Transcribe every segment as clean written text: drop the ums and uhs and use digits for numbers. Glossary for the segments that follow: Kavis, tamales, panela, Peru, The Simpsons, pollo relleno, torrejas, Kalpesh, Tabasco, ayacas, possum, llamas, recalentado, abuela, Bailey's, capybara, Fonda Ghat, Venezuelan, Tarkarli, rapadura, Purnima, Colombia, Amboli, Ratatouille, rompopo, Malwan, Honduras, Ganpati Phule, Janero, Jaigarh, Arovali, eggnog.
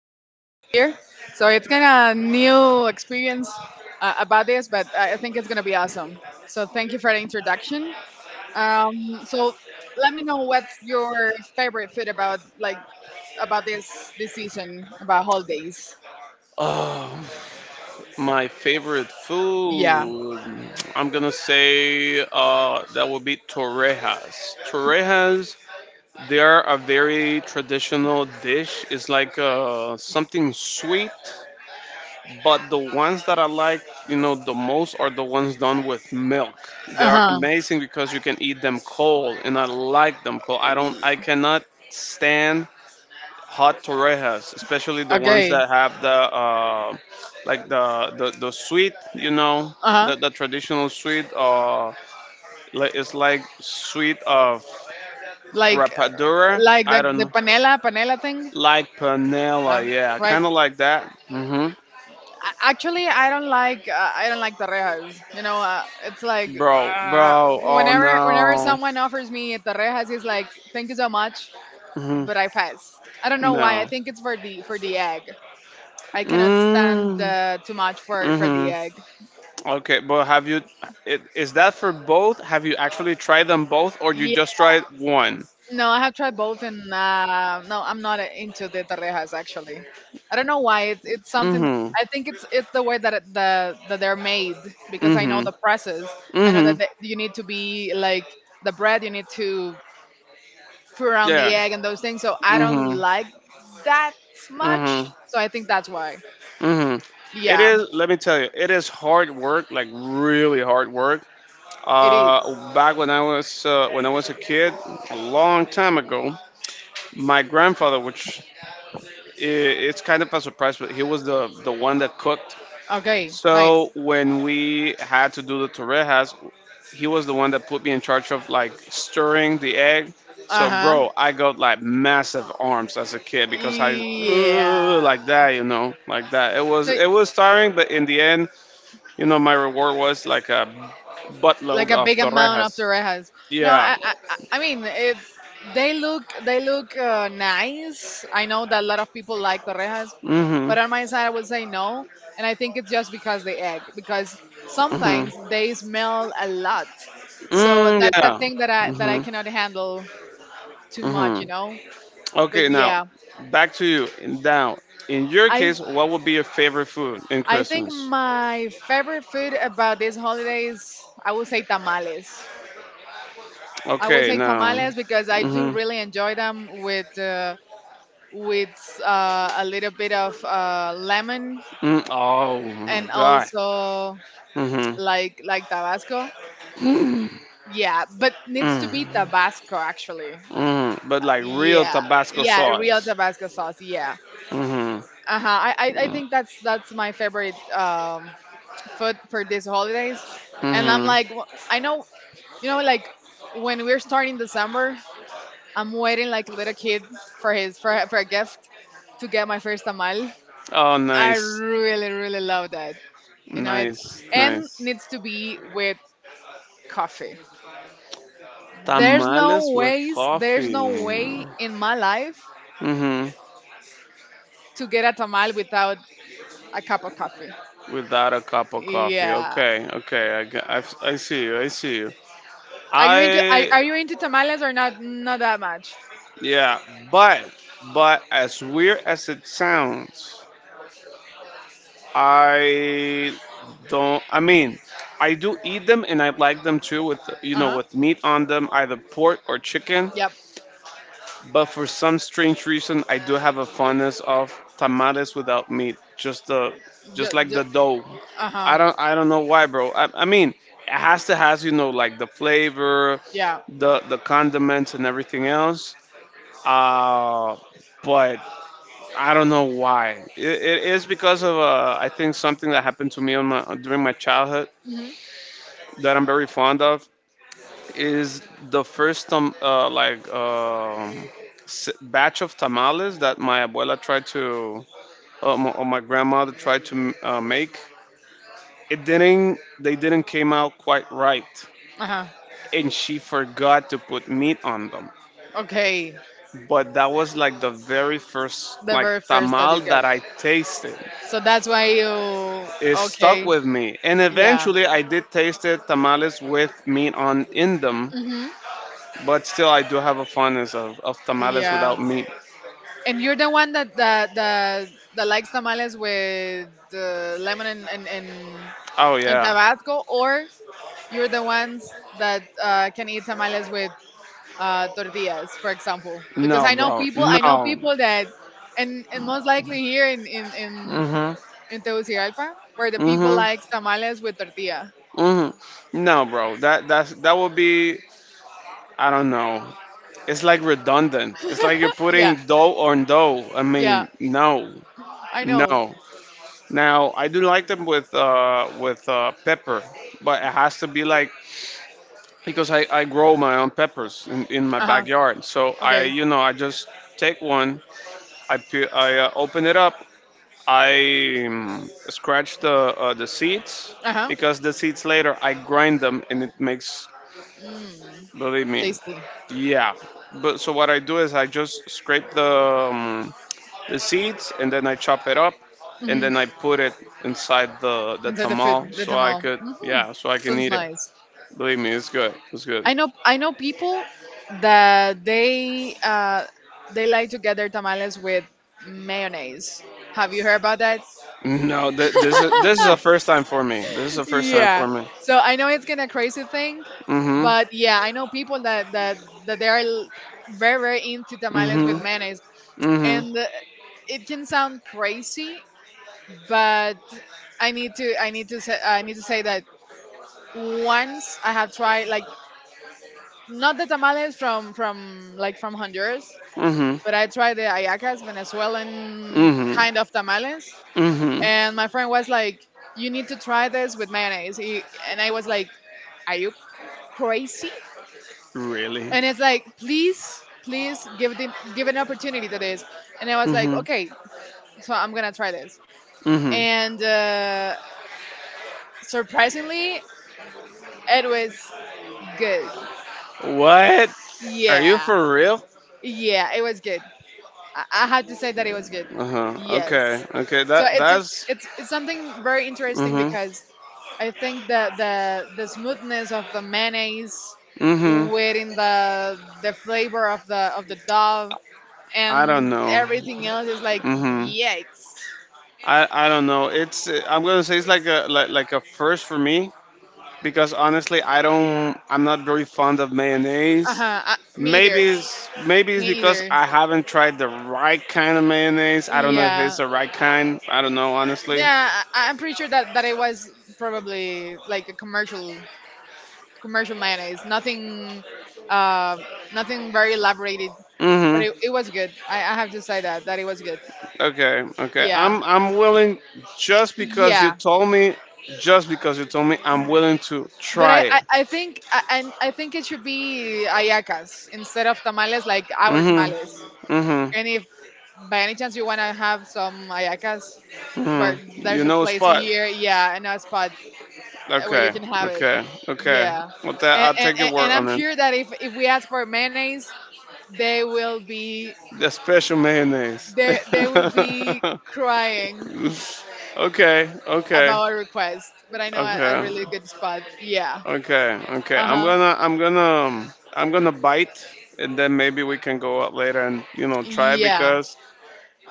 thank you for being here. So it's kind of new experience about this, but I think it's gonna be awesome. So thank you for the introduction. So let me know what's your favorite food about about this season about holidays. oh, my favorite Yeah. food. I'm gonna say that would be torrejas. Torrejas, they are a very traditional dish. It's like something sweet. But the ones that I like, you know, the most are the ones done with milk. They Uh are huh. amazing because you can eat them cold, and I like them cold. I cannot stand hot torrejas, especially the ones Okay. that have the sweet, you know, Uh the, huh. the traditional sweet. It's like sweet of Like rapadura. like the I don't the know, panela thing. like panela. No. Yeah, Right. kind of like that. Hmm Actually, I don't like torrejas. You know, it's like Bro, uh, bro. Oh whenever no. someone offers me torrejas, he's like, "Thank you so much, Mm-hmm. but I pass." I don't know why. I No. think it's for the egg. I cannot stand Mm, too much for the egg. mm-hmm. Okay, but have you? Is that for both? Have you actually tried them both, or you just tried one? No, I have tried both, and no, I'm not into the torrejas actually. I don't know why. It's something. Mm-hmm. I think it's the way that it, the that they're made because I know Mm-hmm. the process. I know Mm-hmm. that you need to be like the bread. You need to pour on the Yeah. egg and those things. So I don't Mm-hmm. like that Mm-hmm. much. So I think that's why. Mm-hmm. It Yeah, is. Let me tell you, it is hard work, like really hard work. it is. Back when I was a kid, a long time ago, my grandfather, which I it's kind of a surprise, but he was the one that cooked. Okay, nice. So when we had to do the torrejas, he was the one that put me in charge of like stirring the egg. Uh So huh. bro, I got like massive arms as a kid because I "Ugh," Yeah. like that, you know, like that. It was So it was tiring, but in the end, you know, my reward was like a like buttload a of big amount of torrejas. torrejas. No, Yeah. I mean it. They look nice. I know that a lot of people like torrejas, Mhm. but on my side I would say no, and I think it's just because they egg because Mhm. sometimes they smell a lot. So Mm, that's a yeah. thing that I Mhm. cannot handle too much, you Mhm. know. But Okay, now yeah, back to you. Now, in your I case, what would be your favorite food in I think Christmas? my favorite food about these holidays I would say tamales. I will Okay, say now. tamales because I do Mm, hmm really enjoy them with with a little bit of lemon Mm, oh my and god. also Mm like Tabasco. Yeah, but needs to hmm be Mm, Tabasco actually. mm, but like real Yeah, Tabasco yeah, real sauce. Tabasco sauce. Yeah. Mm hmm Uh huh. I think that's my favorite food for these holidays, mm and I'm like hmm I know you know like when we're starting December, I'm waiting like a little kid for his for a gift to get my first tamal. Oh, I nice, really love that. You know, it's nice, and nice. needs to be with coffee. There's no Tamales with ways, there's coffee. no way Mm in my life hmm to get a tamal without a cup of coffee. Without a cup of coffee. Yeah. Okay, okay. I see you. I see you. Are you into I are you into tamales or not that much? yeah, but as weird as it sounds, I don't. I mean, I do eat them, and I like them too, with you know, Uh-huh. with meat on them, either pork or chicken. Yep. But for some strange reason, I do have a fondness of tamales without meat. Just like Just, the dough. uh-huh. I don't. I don't know why, bro. I mean, it has to has you know like the flavor, Yeah. the condiments and everything else. Uh, but I don't know why. It is because of I think something that happened to me on my during my childhood Hmm. that I'm very fond of is the first batch of tamales that my abuela tried to My grandmother tried to make. It didn't They didn't came out quite right, Uh-huh. and she forgot to put meat on them. Okay. But that was like the very first The like very first that you tamal get. that I tasted. So that's why you It stuck okay. with me, and Yeah. eventually I did taste it tamales with meat on in them. Hmm. But still, I do have a fondness of tamales without Yeah. meat. And you're the one that likes tamales with lemon and Oh and yeah, Tabasco, or you're the ones that can eat tamales with tortillas, for example. Because no, bro, I know no. people that, and most likely here Mhm, in Tegucigalpa, where the people mhm, like tamales with tortilla. mhm. No, bro, that that would be. I don't know. It's like redundant. It's like you're Yeah, putting dough on dough. I yeah, mean, no, I know. no. Now I do like them with with pepper, but it has to be like because I grow my own peppers in my Uh huh. backyard. So I, Okay. you know, I just take one, I open it up, I scratch the seeds Uh huh. because the seeds later I grind them and it makes, Mm, believe me, tasty. yeah. But so what I do is I just scrape the seeds and then I chop it up and Hmm. then I put it inside the Inside the food, tamal the so I tamal. could Hmm. yeah so I can Sounds eat it. nice. Believe me, it's good. It's good. I know people that they like to get their tamales with mayonnaise. Have you heard about that? No, this is a first time for me. This is a first time for Yeah. me. So I know it's kind of crazy thing, Mhm. but yeah, I know people that that they are very into tamales with Mhm. mayonnaise, Mhm. and it can sound crazy, but I need to say that once I have tried like not the tamales from from Honduras, Mhm. but I tried the ayacas, Venezuelan Mhm. kind of tamales, Mhm. and my friend was like, "You need to try this with mayonnaise," and I was like, "Are you crazy?" Really? And it's like, "Please." Please give the, give an opportunity to this, and I was like, Mhm. okay, so I'm gonna try this. Mhm. And surprisingly, it was good. What? Are you Yeah, for real? yeah, it was good. I have to say that it was good. Uh huh. Yes. Okay. Okay. So That it's that's. it's it's something very interesting Mhm. because I think that the smoothness of the mayonnaise Mhm. within the flavor of the dove I and don't know. everything else is like Mhm. yikes. I don't know. It's I'm gonna say it's like a like a first for me because honestly I'm not very fond of mayonnaise. Uh-huh. Me either. Maybe it's maybe Me it's because either. I haven't tried the right kind of mayonnaise. I don't know if it's Yeah. the right kind. I don't know honestly. Yeah, I'm pretty sure that that it was probably like a commercial mayonnaise. Nothing uh nothing very elaborated but Mhm. it was good. I have to say that that it was good. Okay. Okay. Yeah, I'm willing just because yeah. you told me. Just because you told me, I'm willing to But try it. I think I, and I think it should be ayacas instead of tamales, like our Mhm. tamales. Mhm. And if by any chance you wanna have some ayacas, Mhm. where You there's a know a place spot. here, yeah, and a spot where you Okay. can have it. Okay. Okay. Yeah, With that, I'll take your and word I'm on it. sure that if we ask for mayonnaise, they will be The special mayonnaise. They will be crying Okay. Okay. about a request, but I know a Okay. really good spot. Yeah. Okay, okay. Uh huh. I'm gonna bite, and then maybe we can go out later and you know try Yeah. because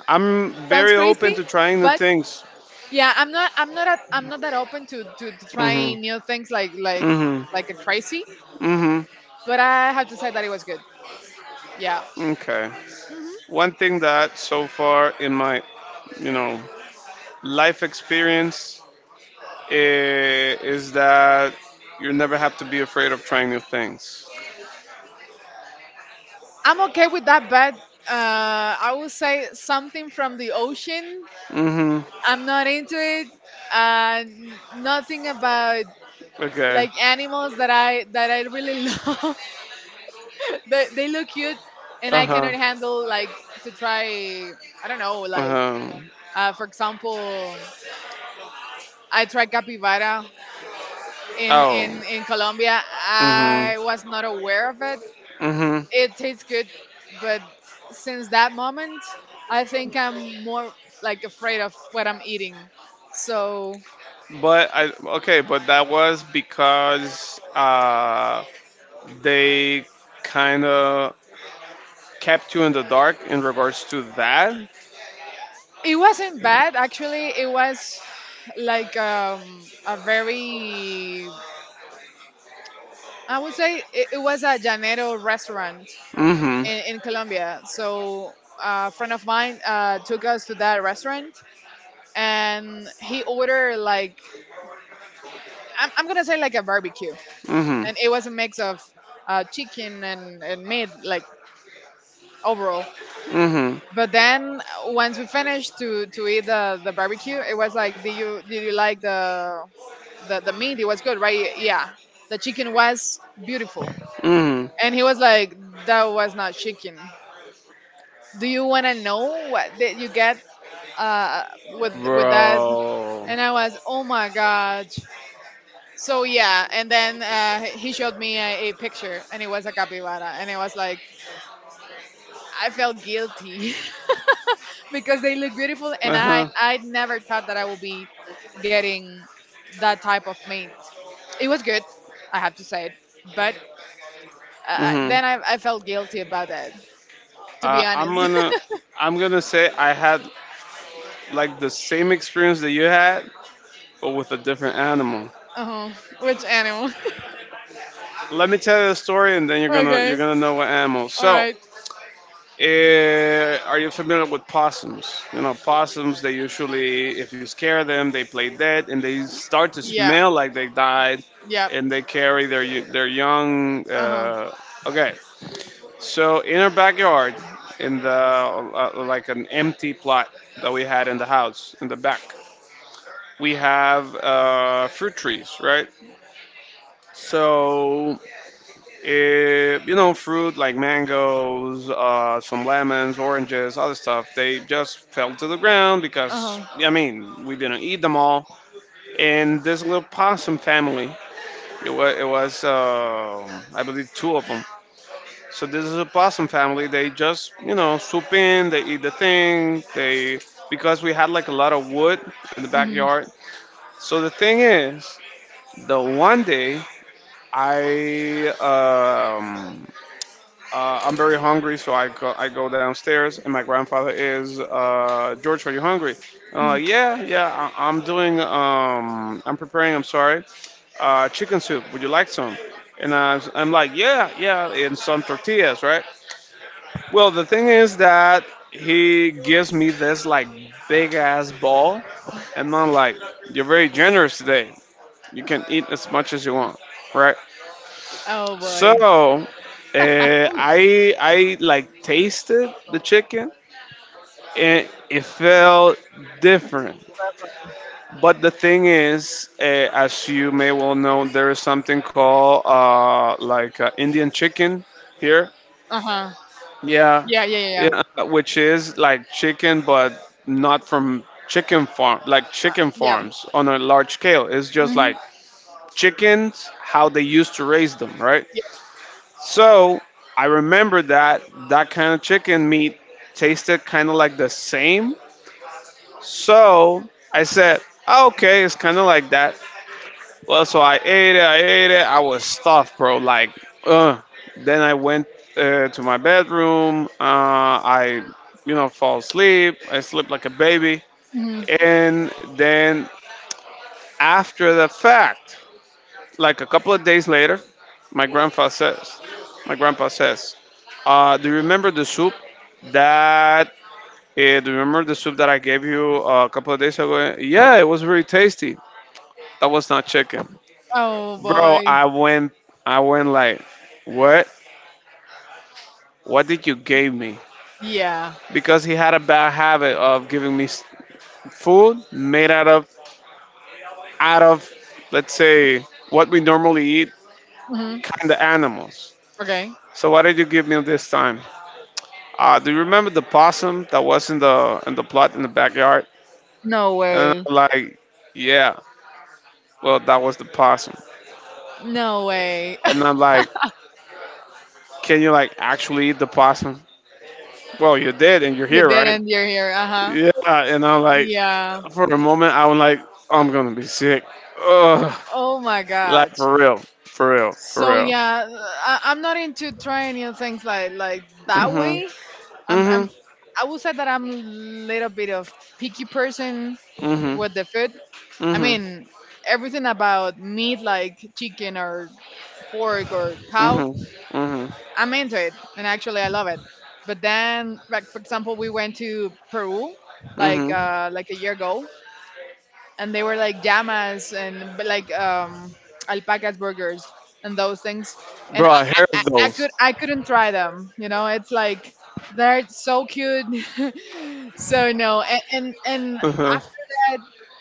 I'm Sounds very open crazy, to trying new but things. yeah, I'm not. I'm not. A, I'm not that open to, to Mhm, trying new things like like mhm, like a crazy. mhm. But I have to say that it was good. Yeah. Okay. Hmm. One thing that so far in my you know life experience is that you never have to be afraid of trying new things. I'm okay with that, but I would say something from the ocean. Mhm. I'm not into it. Nothing about Okay. like animals that I really love. But they look cute, and Uh I huh. cannot handle like to try. I don't know, Uh like huh. For example, I tried capybara Oh. In Colombia. Mhm. I was not aware of it. Mhm. It tastes good, but since that moment, I think I'm more like afraid of what I'm eating. So But I okay, but that was because they kind of kept you in the dark in regards to that. it wasn't bad actually. It was like a very I would say it, it was a Janero restaurant Mhm. In Colombia. So a friend of mine took us to that restaurant and he ordered like I'm gonna say like a barbecue Mhm. and it was a mix of chicken and meat like overall Mhm. but then once we finished to eat the barbecue it was like did you like the meat it was good right yeah the chicken was beautiful Mhm. and he was like that was not chicken do you want to know what did you get with that Bro. and I was oh my God so yeah and then he showed me a picture and it was a capybara and it was like I felt guilty because they look beautiful and i Uh-huh. i never thought that I will be getting that type of mate it was good I have to say it but Mhm. then I felt guilty about that to be Uh, I'm honest. gonna I'm gonna say I had like the same experience that you had, but with a different animal. Uh-huh. Which animal? Let me tell you the story, and then Okay, you're gonna know what animal. all So right. eh, are you familiar with possums? You know, possums, they usually, if you scare them, they play dead and they start to Yeah, smell like they died yeah. and they carry their, their young. Uh-huh. Okay, so in our backyard, in the like an empty plot that we had in the house, in the back, we have fruit trees, right? So eh, you know, fruit like mangoes, some lemons, oranges, other stuff, they just fell to the ground Uh-huh. because, Uh-huh. I mean, we didn't eat them all. And this little possum family, it was I believe, two of them. So this is a possum family. They just, you know, swoop in, they eat the thing, they, because we had like a lot of wood in the Mhm. backyard. So the thing is, the one day I, um, I'm very hungry, so I go downstairs, and my grandfather is George. Are you hungry? I Yeah, yeah. I, I'm doing. I'm preparing. I'm sorry. Chicken soup. Would you like some? And I'm like, yeah, yeah, and some tortillas, right? Well, the thing is that he gives me this like big ass ball, and I'm like, you're very generous today. You can eat as much as you want, right? Oh So boy. I like tasted the chicken and it felt different. But the thing is, as you may well know, there is something called Indian chicken here. Uh huh. Yeah, Yeah, yeah, yeah, yeah, yeah. which is like chicken, but not from chicken farm, like chicken Yep. farms on a large scale. It's just Mm-hmm. like chickens, how they used to raise them, right? Yeah. So I remember that that kind of chicken meat tasted kind of like the same. So I said, "Oh, okay, it's kind of like that." Well, so I ate it. I was stuffed, bro. Like, uh. Then I went to my bedroom. I, you know, fall asleep. I slept like a baby. Mm-hmm. And then after the fact, like a couple of days later, my grandpa says, my grandpa says, Uh, do you remember the soup that? Do you remember the soup that I gave you a couple of days ago? Yeah, it was very tasty. That was not chicken, Oh bro. boy. I went like, what? What did you give me? Yeah. Because he had a bad habit of giving me food made out of out of, let's say, what we normally eat, Mm-hmm. kind of animals. Okay. So what did you give me this time? Do you remember the possum that was in the plot in the backyard? No And way. I'm like, yeah. Well, that was the possum. No way. And I'm like, can you like actually eat the possum? Well, you did, and you're You here, dead right? not. You're here. Uh huh. Yeah. And I'm like, Yeah. for a moment, I was like, I'm gonna be sick. Ugh. Oh my Like God. for real, for So real. yeah, I'm not into trying new things like that Mhm. way. I'm Mhm. I would say that I'm a little bit of picky person Mhm. with the food. I Mhm. mean, everything about meat like chicken or pork or cow, Mhm. Mhm. I'm into it, and actually I love it. But then, like for example, we went to Peru like Mhm. A year ago, and they were like llamas and but like alpacas burgers and those things, and Bro, I heard of those. I couldn't try them. You know, it's like they're so cute. So no, and Mhm. after that,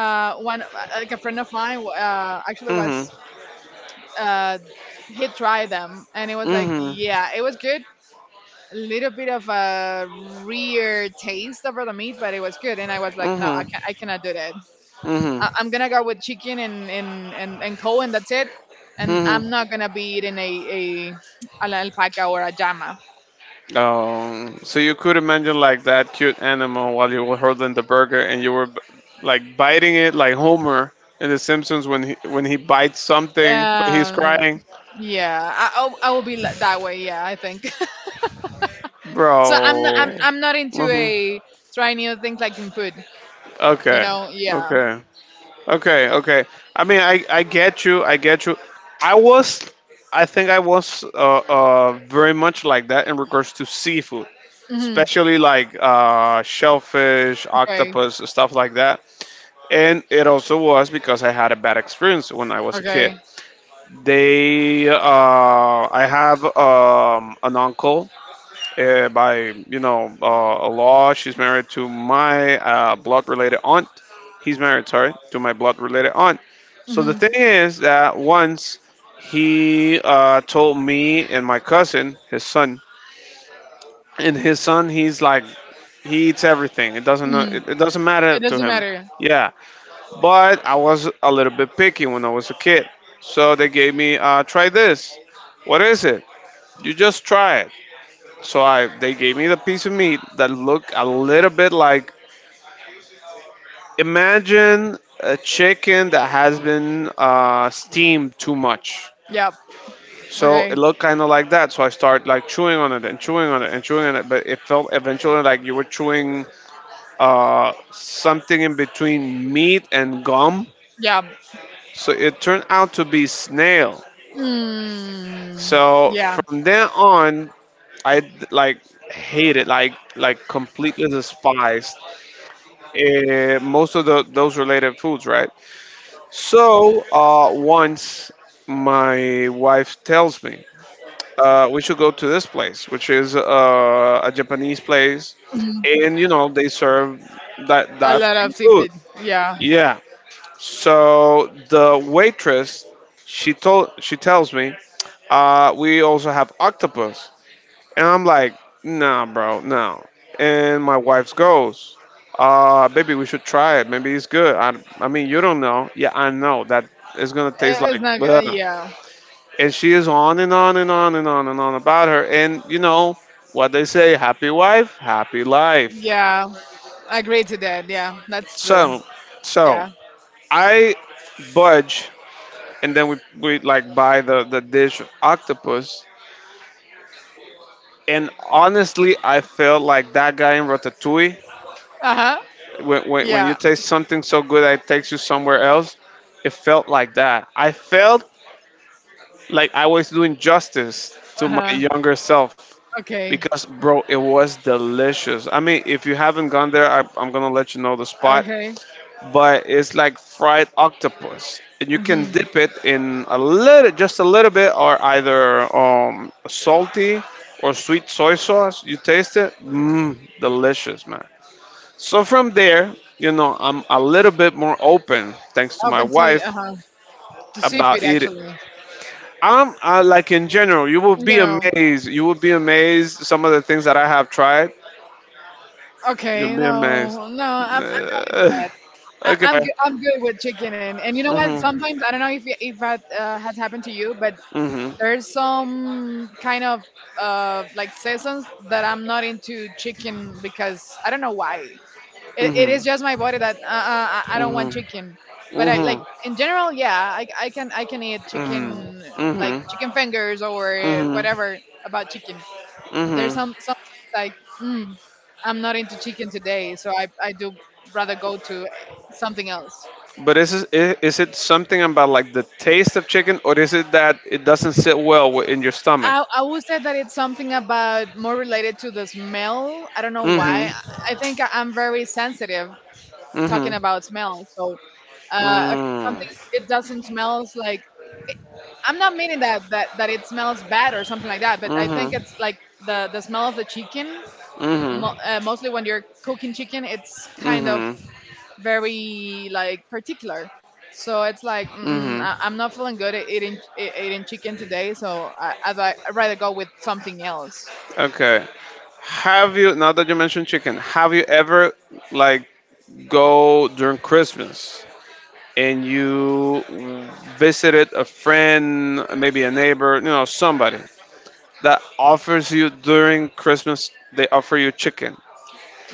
one like a friend of mine actually Mhm. was uh, he tried them, and it was like, Mhm. yeah, it was good. A little bit of a rare taste over the meat, but it was good. And I was like, no, I Mhm. can't, I cannot do that. Mhm. I'm gonna go with chicken and and cow, and that's it. And Mhm. I'm not gonna be eating a an alpaca or a llama. So you could imagine like that cute animal while you were holding the burger and you were like biting it like Homer in The Simpsons when he bites something but he's Um, crying, yeah, I will be that way. Yeah, I think. So I'm not I'm bro. I'm not into hmm a trying new things like in food. You Okay, know? Yeah. okay, okay. I mean, I get you, I get you. I was, I think I was very much like that in regards to seafood, Hmm. especially like shellfish, Okay. octopus, stuff like that, and it also was because I had a bad experience when I was a kid. Okay. They, I have an uncle by a law. She's married to my blood related aunt. He's married, sorry, to my blood related aunt. So the Mm-hmm. thing is that once he told me and my cousin, his son, and his son, he's like he eats everything. It doesn't Hmm. it, it doesn't matter It to doesn't him. matter. Yeah, but I was a little bit picky when I was a kid. So they gave me, try this. What is it? You just try it. So they gave me the piece of meat that looked a little bit like, imagine a chicken that has been steamed too much. Yep. So it Okay. looked kind of like that. So I started like chewing on it and chewing on it and chewing on it, but it felt eventually like you were chewing something in between meat and gum. Yeah. So it turned out to be snail. Mm, So yeah. from then on, I like hated, like completely despised most of the, those related foods, right? So once my wife tells me, we should go to this place, which is a Japanese place, Mhm. and you know they serve that A that lot kind of of food. seafood. Yeah. Yeah. So the waitress, she tells me, we also have octopus. And I'm like, nah, bro, no. And my wife goes, baby, we should try it. Maybe it's good. I mean, you don't know. Yeah, I know that it's gonna taste It's like. not. Ugh. Yeah. And she is on and on and on and on and on about her. And you know what they say: happy wife, happy life. Yeah. I agree to that. Yeah. That's true. So, so, Yeah. I budge, and then we like buy the dish of octopus. And honestly, I felt like that guy in Ratatouille Uh huh. When you Yeah. taste something so good that it takes you somewhere else, it felt like that. I felt like I was doing justice to Uh my huh. younger self Okay. because, bro, it was delicious. I mean, if you haven't gone there, I'm going to let you know the spot, Okay. but it's like fried octopus. And you can Hmm. dip it in a little, just a little bit, or either salty or sweet soy sauce. You taste it, mmm, delicious, man. So from there, you know, I'm a little bit more open thanks to my Open to wife uh huh to about seafood eating. actually. Like in general, you will be No. amazed. You will be amazed some of the things that I have tried. You'll Okay. be amazed. No. No. I'm. I'm Uh, good. I'm. okay. Good. I'm good with chicken and you know what? Mhm. Sometimes I don't know if if that has happened to you, but Mhm. there's some kind of like seasons that I'm not into chicken because I don't know why. It Mhm. is just my body that I don't want Mhm. chicken. But I like Mhm. in general, yeah, I can eat Mhm. chicken like Mhm. chicken fingers or Mhm. whatever about chicken. But there's Mhm. some like mm, I'm not into chicken today, so I do rather go to something else. But is is it something about like the taste of chicken, or is it that it doesn't sit well in your stomach? I would say that it's something about more related to the smell. I don't know why. Mhm. I think I'm very sensitive talking Mhm. about smell. So if something Mm. it doesn't smells like it, I'm not meaning that it smells bad or something like that. But I think it's Mhm. like the smell of the chicken. Mhm. Mostly when you're cooking chicken, it's kind of Mhm. very like particular. So it's like Mhm. I'm not feeling good at eating chicken today, so I'd rather go with something else. Okay. Have you, now that you mentioned chicken, have you ever like go during Christmas and you visited a friend, maybe a neighbor, you know, somebody that offers you during Christmas they offer you chicken.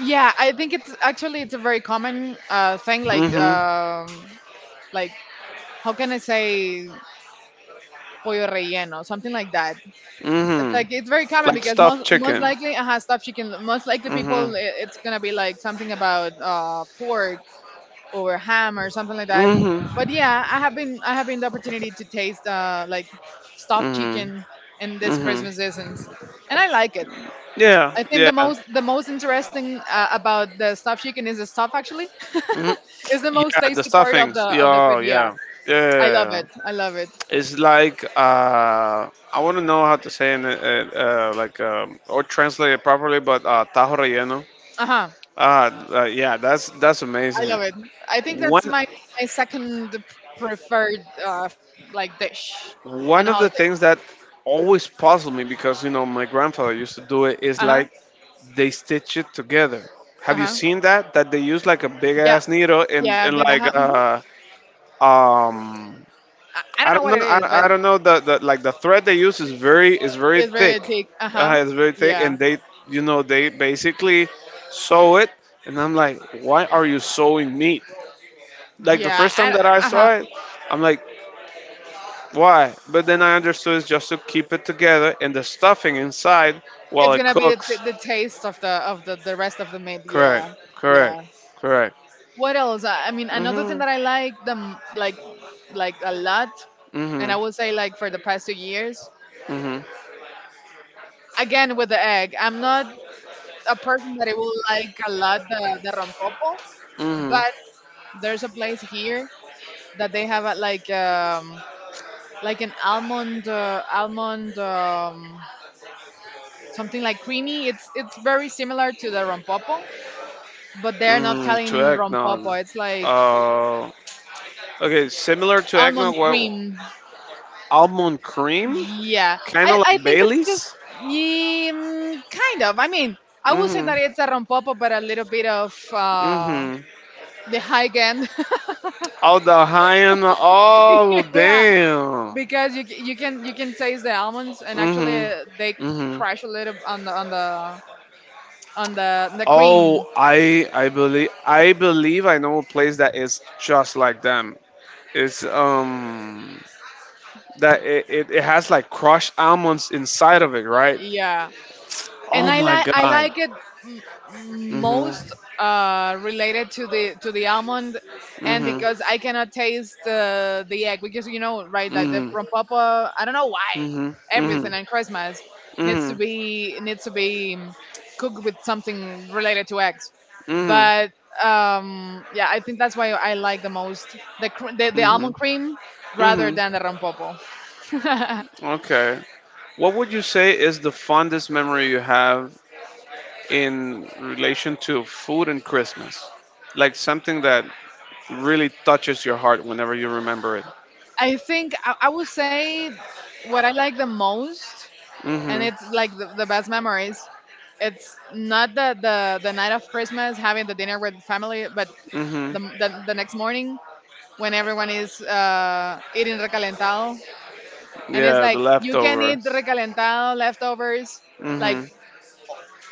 Yeah, I think it's actually it's a very common thing, like Mhm. um, like how can I say pollo relleno, something like that. It's Mhm. like it's very common Like because stuffed most chicken. likely stuffed chicken. Most likely Mm. It's gonna be like something about pork or ham or something like that. Mhm. Mhm. But yeah, I have been the opportunity to taste like stuffed Mhm. chicken in this Mhm. Christmas season, and I like it. Yeah, I think yeah. The most interesting about the stuffed chicken is the stuff actually Mhm. is the most Yeah, the tasty part of the stuffings. Yeah, of the food. oh, Yeah, yeah, I love it. yeah. I love it. It's like I want to know how to say it, like or translate it properly, but tajo relleno. Uh huh. Ah, yeah, that's I amazing. love it. I think that's One my second preferred like dish on One of the holiday. things that always puzzled me because you know my grandfather used to do it is Uh huh. like they stitch it together. Uh Have you huh. seen that? That they use like a big Yeah. ass needle Yeah. and The like ham. Mhm. Um I don't I know don't what it know. is, but I don't know. The like the thread they use is very it's very thick. thick. Uh huh. It's very thick, Yeah. and they you know they basically sew it. And I'm like, why are you sewing meat? Like the Yeah. first time that I Uh huh. saw it, I'm like, why? But then I understood it's just to keep it together and the stuffing inside while It's it gonna be cooks. the taste of the the rest of the meat. Correct. Yeah. Correct. Yeah. Correct. What else? I mean, another thing Mhm. that I like them like a lot, and Mhm. I would say like for the past 2 years. Mhm. Again with the egg, I'm not a person that I will like a lot the rompopo, Mhm. but there's a place here that they have a, like an almond something like creamy. It's very similar to the rompopo, but they're not Mhm. To calling eggnog. rompopo. It's like Uh, okay, similar to eggnog. almond What? cream. Almond cream, Yeah, kind I, of I like think it's just Bailey's. yeah, kind of. I mean, I would say Mhm, that it's a rompopo, but a little bit of mhm. the high end. Oh, the high end. Oh, Yeah, damn. because you can taste the almonds, and actually Mhm, they mhm. crash a little on the on the cream. Oh, I believe, I believe I know a place that is just like them. It's that it has like crushed almonds inside of it, right? Yeah, and Oh my I god. like it Mhm, most related to the almond, and mhm, because I cannot taste the egg because you know right like the mhm, rompapa. I don't know why mhm, mhm, everything on Christmas mhm, needs to be cooked with something related to eggs, mhm, but yeah, I think that's why I like the most the mhm, almond cream rather mhm. than the rompopo. Okay. What would you say is the fondest memory you have in relation to food and Christmas? Like something that really touches your heart whenever you remember it. I think I would say what I like the most and Mhm. it's like the best memories. It's not the night of Christmas having the dinner with family, but Mhm. The next morning when everyone is eating recalentado, and it's Yeah, the like you can leftover. eat recalentado leftovers like Mhm.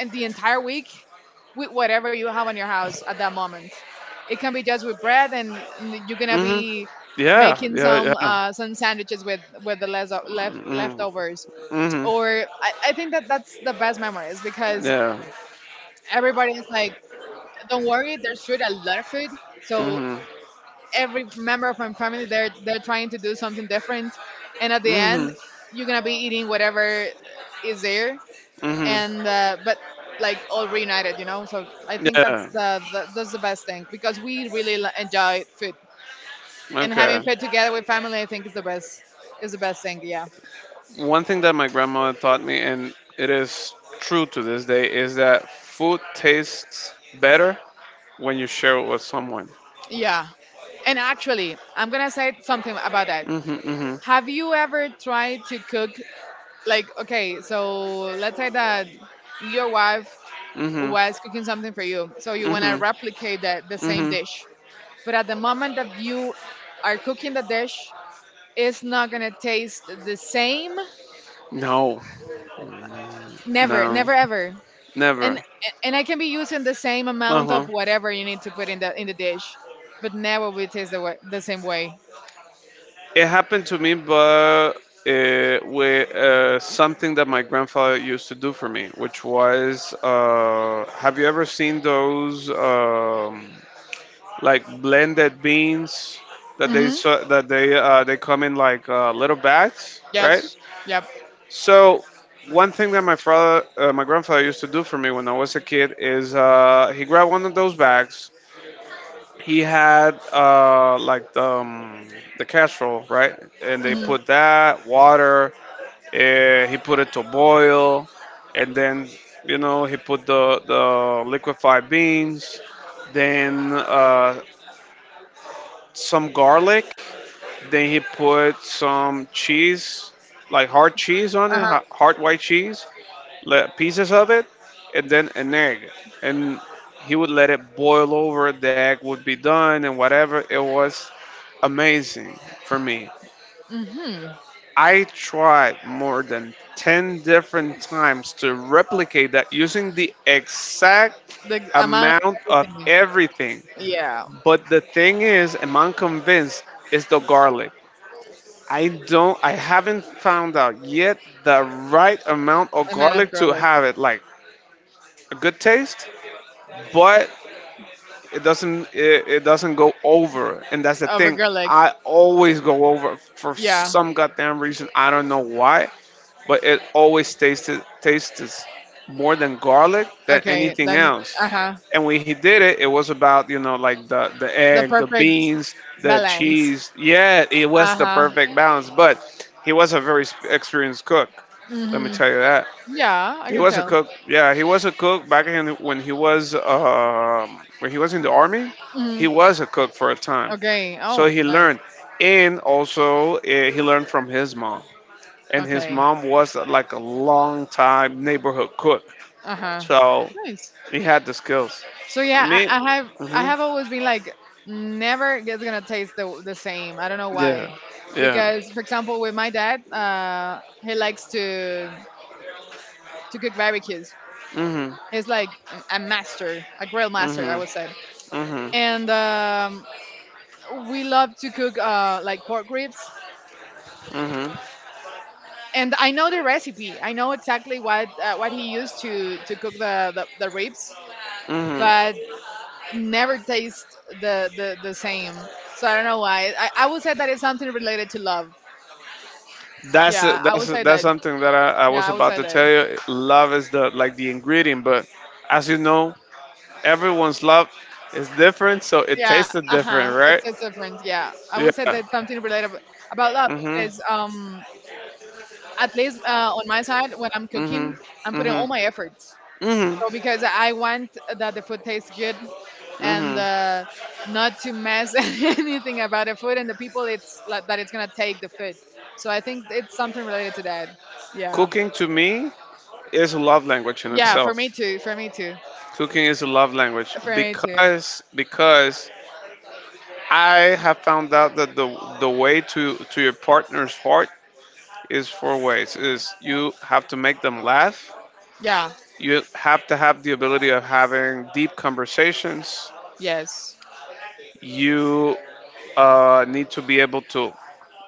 in the entire week with whatever you have in your house at that moment. It can be just with bread, and you're gonna Mhm. be Yeah, making yeah, yeah. Some sandwiches with the Mhm. leftovers, Mhm. or I think that that's the best memories because Yeah. everybody's like don't worry, there's food, a lot of food. So Mhm. every member of my family, they're trying to do something different, and at the end Mhm. you're gonna be eating whatever is there, Mhm. and but like all reunited, you know. So I think that's Yeah. The that's the best thing because we really enjoy food, and having Okay. food together with family, I think is the best, is the best thing. Yeah, One thing that my grandmother taught me and it is true to this day is that food tastes better when you share it with someone. yeah, and actually I'm gonna say something about that. Mhm, mhm, Have you ever tried to cook like okay, so let's say that your wife mhm, was cooking something for you. So you want to mhm, replicate that the same mhm. dish. But at the moment that you are cooking the dish, it's not going to taste the same. No, Never, no, never ever. And never. and I can be using the same Uh amount of huh. whatever you need to put in the dish, but never will taste the same way. It happened to me, but uh, with something that my grandfather used to do for me, which was, have you ever seen those like blended beans that they Mhm. so, that they come in like little bags, right? Yes. Yep. So one thing that my father, my grandfather used to do for me when I was a kid is he grabbed one of those bags. He had like the casserole, right? And they Mhm. put that water. He put it to boil, and then you know he put the liquefied beans, then some garlic, then he put some cheese, like hard cheese on it, Uh-huh. Hard white cheese pieces of it, and then an egg. And he would let it boil over, the egg would be done, and whatever. It was amazing for me. Mhm. I tried more than 10 different times to replicate that using the exact The amount amount of of everything. everything. Yeah, But the thing is, and I'm convinced, is the garlic. I haven't found out yet the right amount of a man of garlic to garlic, have it like a good taste, but it doesn't go over and that's the of a thing. garlic. I always go over for Yeah. some goddamn reason, I don't know why, but it always tasted tastes more than garlic than Okay. anything Then, else. uh huh. And when he did it it was about you know like the The egg the perfect beans the balance. cheese, yeah, it Uh was the huh. perfect balance, but he was a very experienced cook, let me Mhm. tell you that. Yeah, I He can was a tell. cook. Yeah, he was a cook back in when he was in the army. He Mhm. was a cook for a time, Okay. so Oh, he nice. learned, and also he learned from his mom. And his Okay. mom was like a long time neighborhood cook, Uh huh. so Nice. he had the skills. So yeah, Me, I hmm have always been like never it's gonna taste the same. I don't know yeah, why, yeah, because for example with my dad, he likes to cook barbecues. hmm, He's like a master, a grill master, I hmm, would say, hmm, and we love to cook like pork ribs. hmm, And I know the recipe. I know exactly what he used to cook the ribs, hmm. but never taste the same. So I don't know why. I would say that it's something related to love. That's Yeah, I that's would say that's that. something that I Yeah, was I would about say to that. tell you. Love is the like the ingredient, but as you know, everyone's love is different, so it Yeah, tasted uh huh. different, right? It's different. Yeah, I would Yeah. say that something related about love Mhm. because at least on my side when I'm cooking, Mhm. I'm putting all Mhm. my efforts. Mhm. So because I want that the food tastes good and Mhm. Not to mess anything about the food and the people it's like, that it's gonna take the food. So I think it's something related to that. Yeah. Cooking to me is a love language in Yeah. Okay. For me itself. too. For me too. Cooking is a love language For me too. because I have found out that the way to your partner's heart is four ways. Is you have to make them laugh. Yeah. You have to have the ability of having deep conversations. Yes. You need to be able to,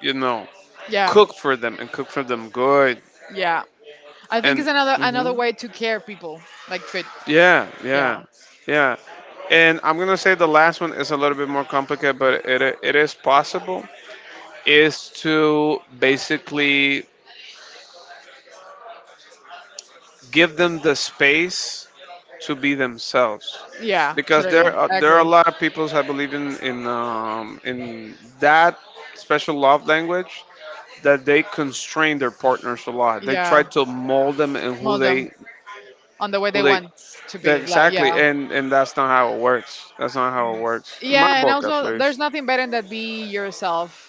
you know, Yeah. cook for them and cook for them good. Yeah. I think And it's another hmm, way to care people like food. yeah, Yeah. yeah, yeah. And I'm gonna say the last one is a little bit more complicated, but it is possible. Is to basically give them the space to be themselves Yeah. because Totally. I there are a agree. lot of people I believe in in that special love language that they constrain their partners a lot. They try Yeah. to mold them in who Mold them they on the way who they they want to That- be. Like. Yeah. exactly, and that's not how it works. That's not how it works. In my Yeah, and book, at also there's least. nothing better than be yourself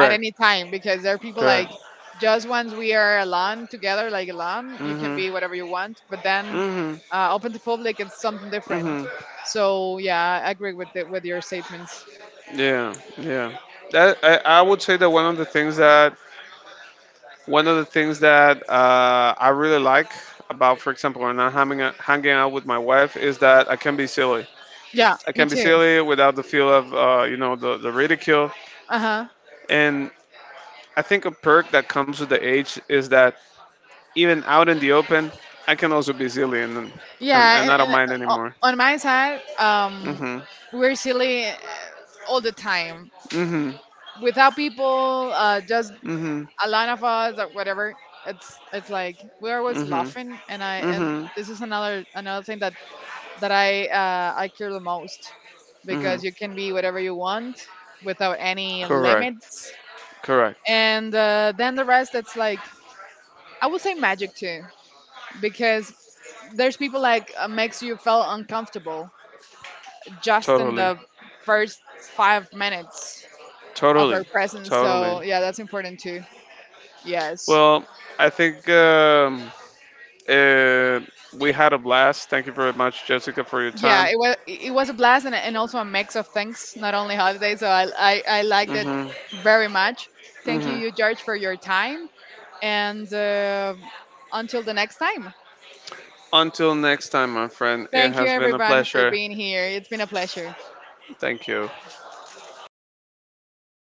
at any time, because there are people like Correct. just once we are alone together, like alone, you can Mhm. be whatever you want. But then Mhm. Open to public, it's something different. Mhm. So yeah, I agree with with your statements. Yeah. Yeah. That I would say that one of the things that I really like about, for example, when I'm hanging out with my wife is that I can be silly. Yeah, I me can be too. silly without the feel of you know the ridicule. Uh huh. And I think a perk that comes with the age is that even out in the open, I can also be silly Yeah, and and, I don't mind uh, anymore. on my side, Mhm. we're silly all the time. Mhm. Without people, just Mhm. a lot of us or whatever. It's like we're always Mhm. laughing, and I and Mhm. this is another thing that I care the most Mhm. because you can be whatever you want without any Correct. limits. Correct. And then the rest, it's like I would say magic too, because there's people like makes you feel uncomfortable just in Totally. the first 5 minutes of her Totally. presence. So Totally. yeah, that's important too. Yes. Well, I think uh, we had a blast. Thank you very much, Jessica, for your Yeah, time. It was a blast, and also a mix of things, not only holidays. So I liked it Mhm. very much. Thank you, Mhm. you George for your time, and until the next time. Until next time, my friend. It Thank you has been a everyone for pleasure. being here. It's been a pleasure. Thank you.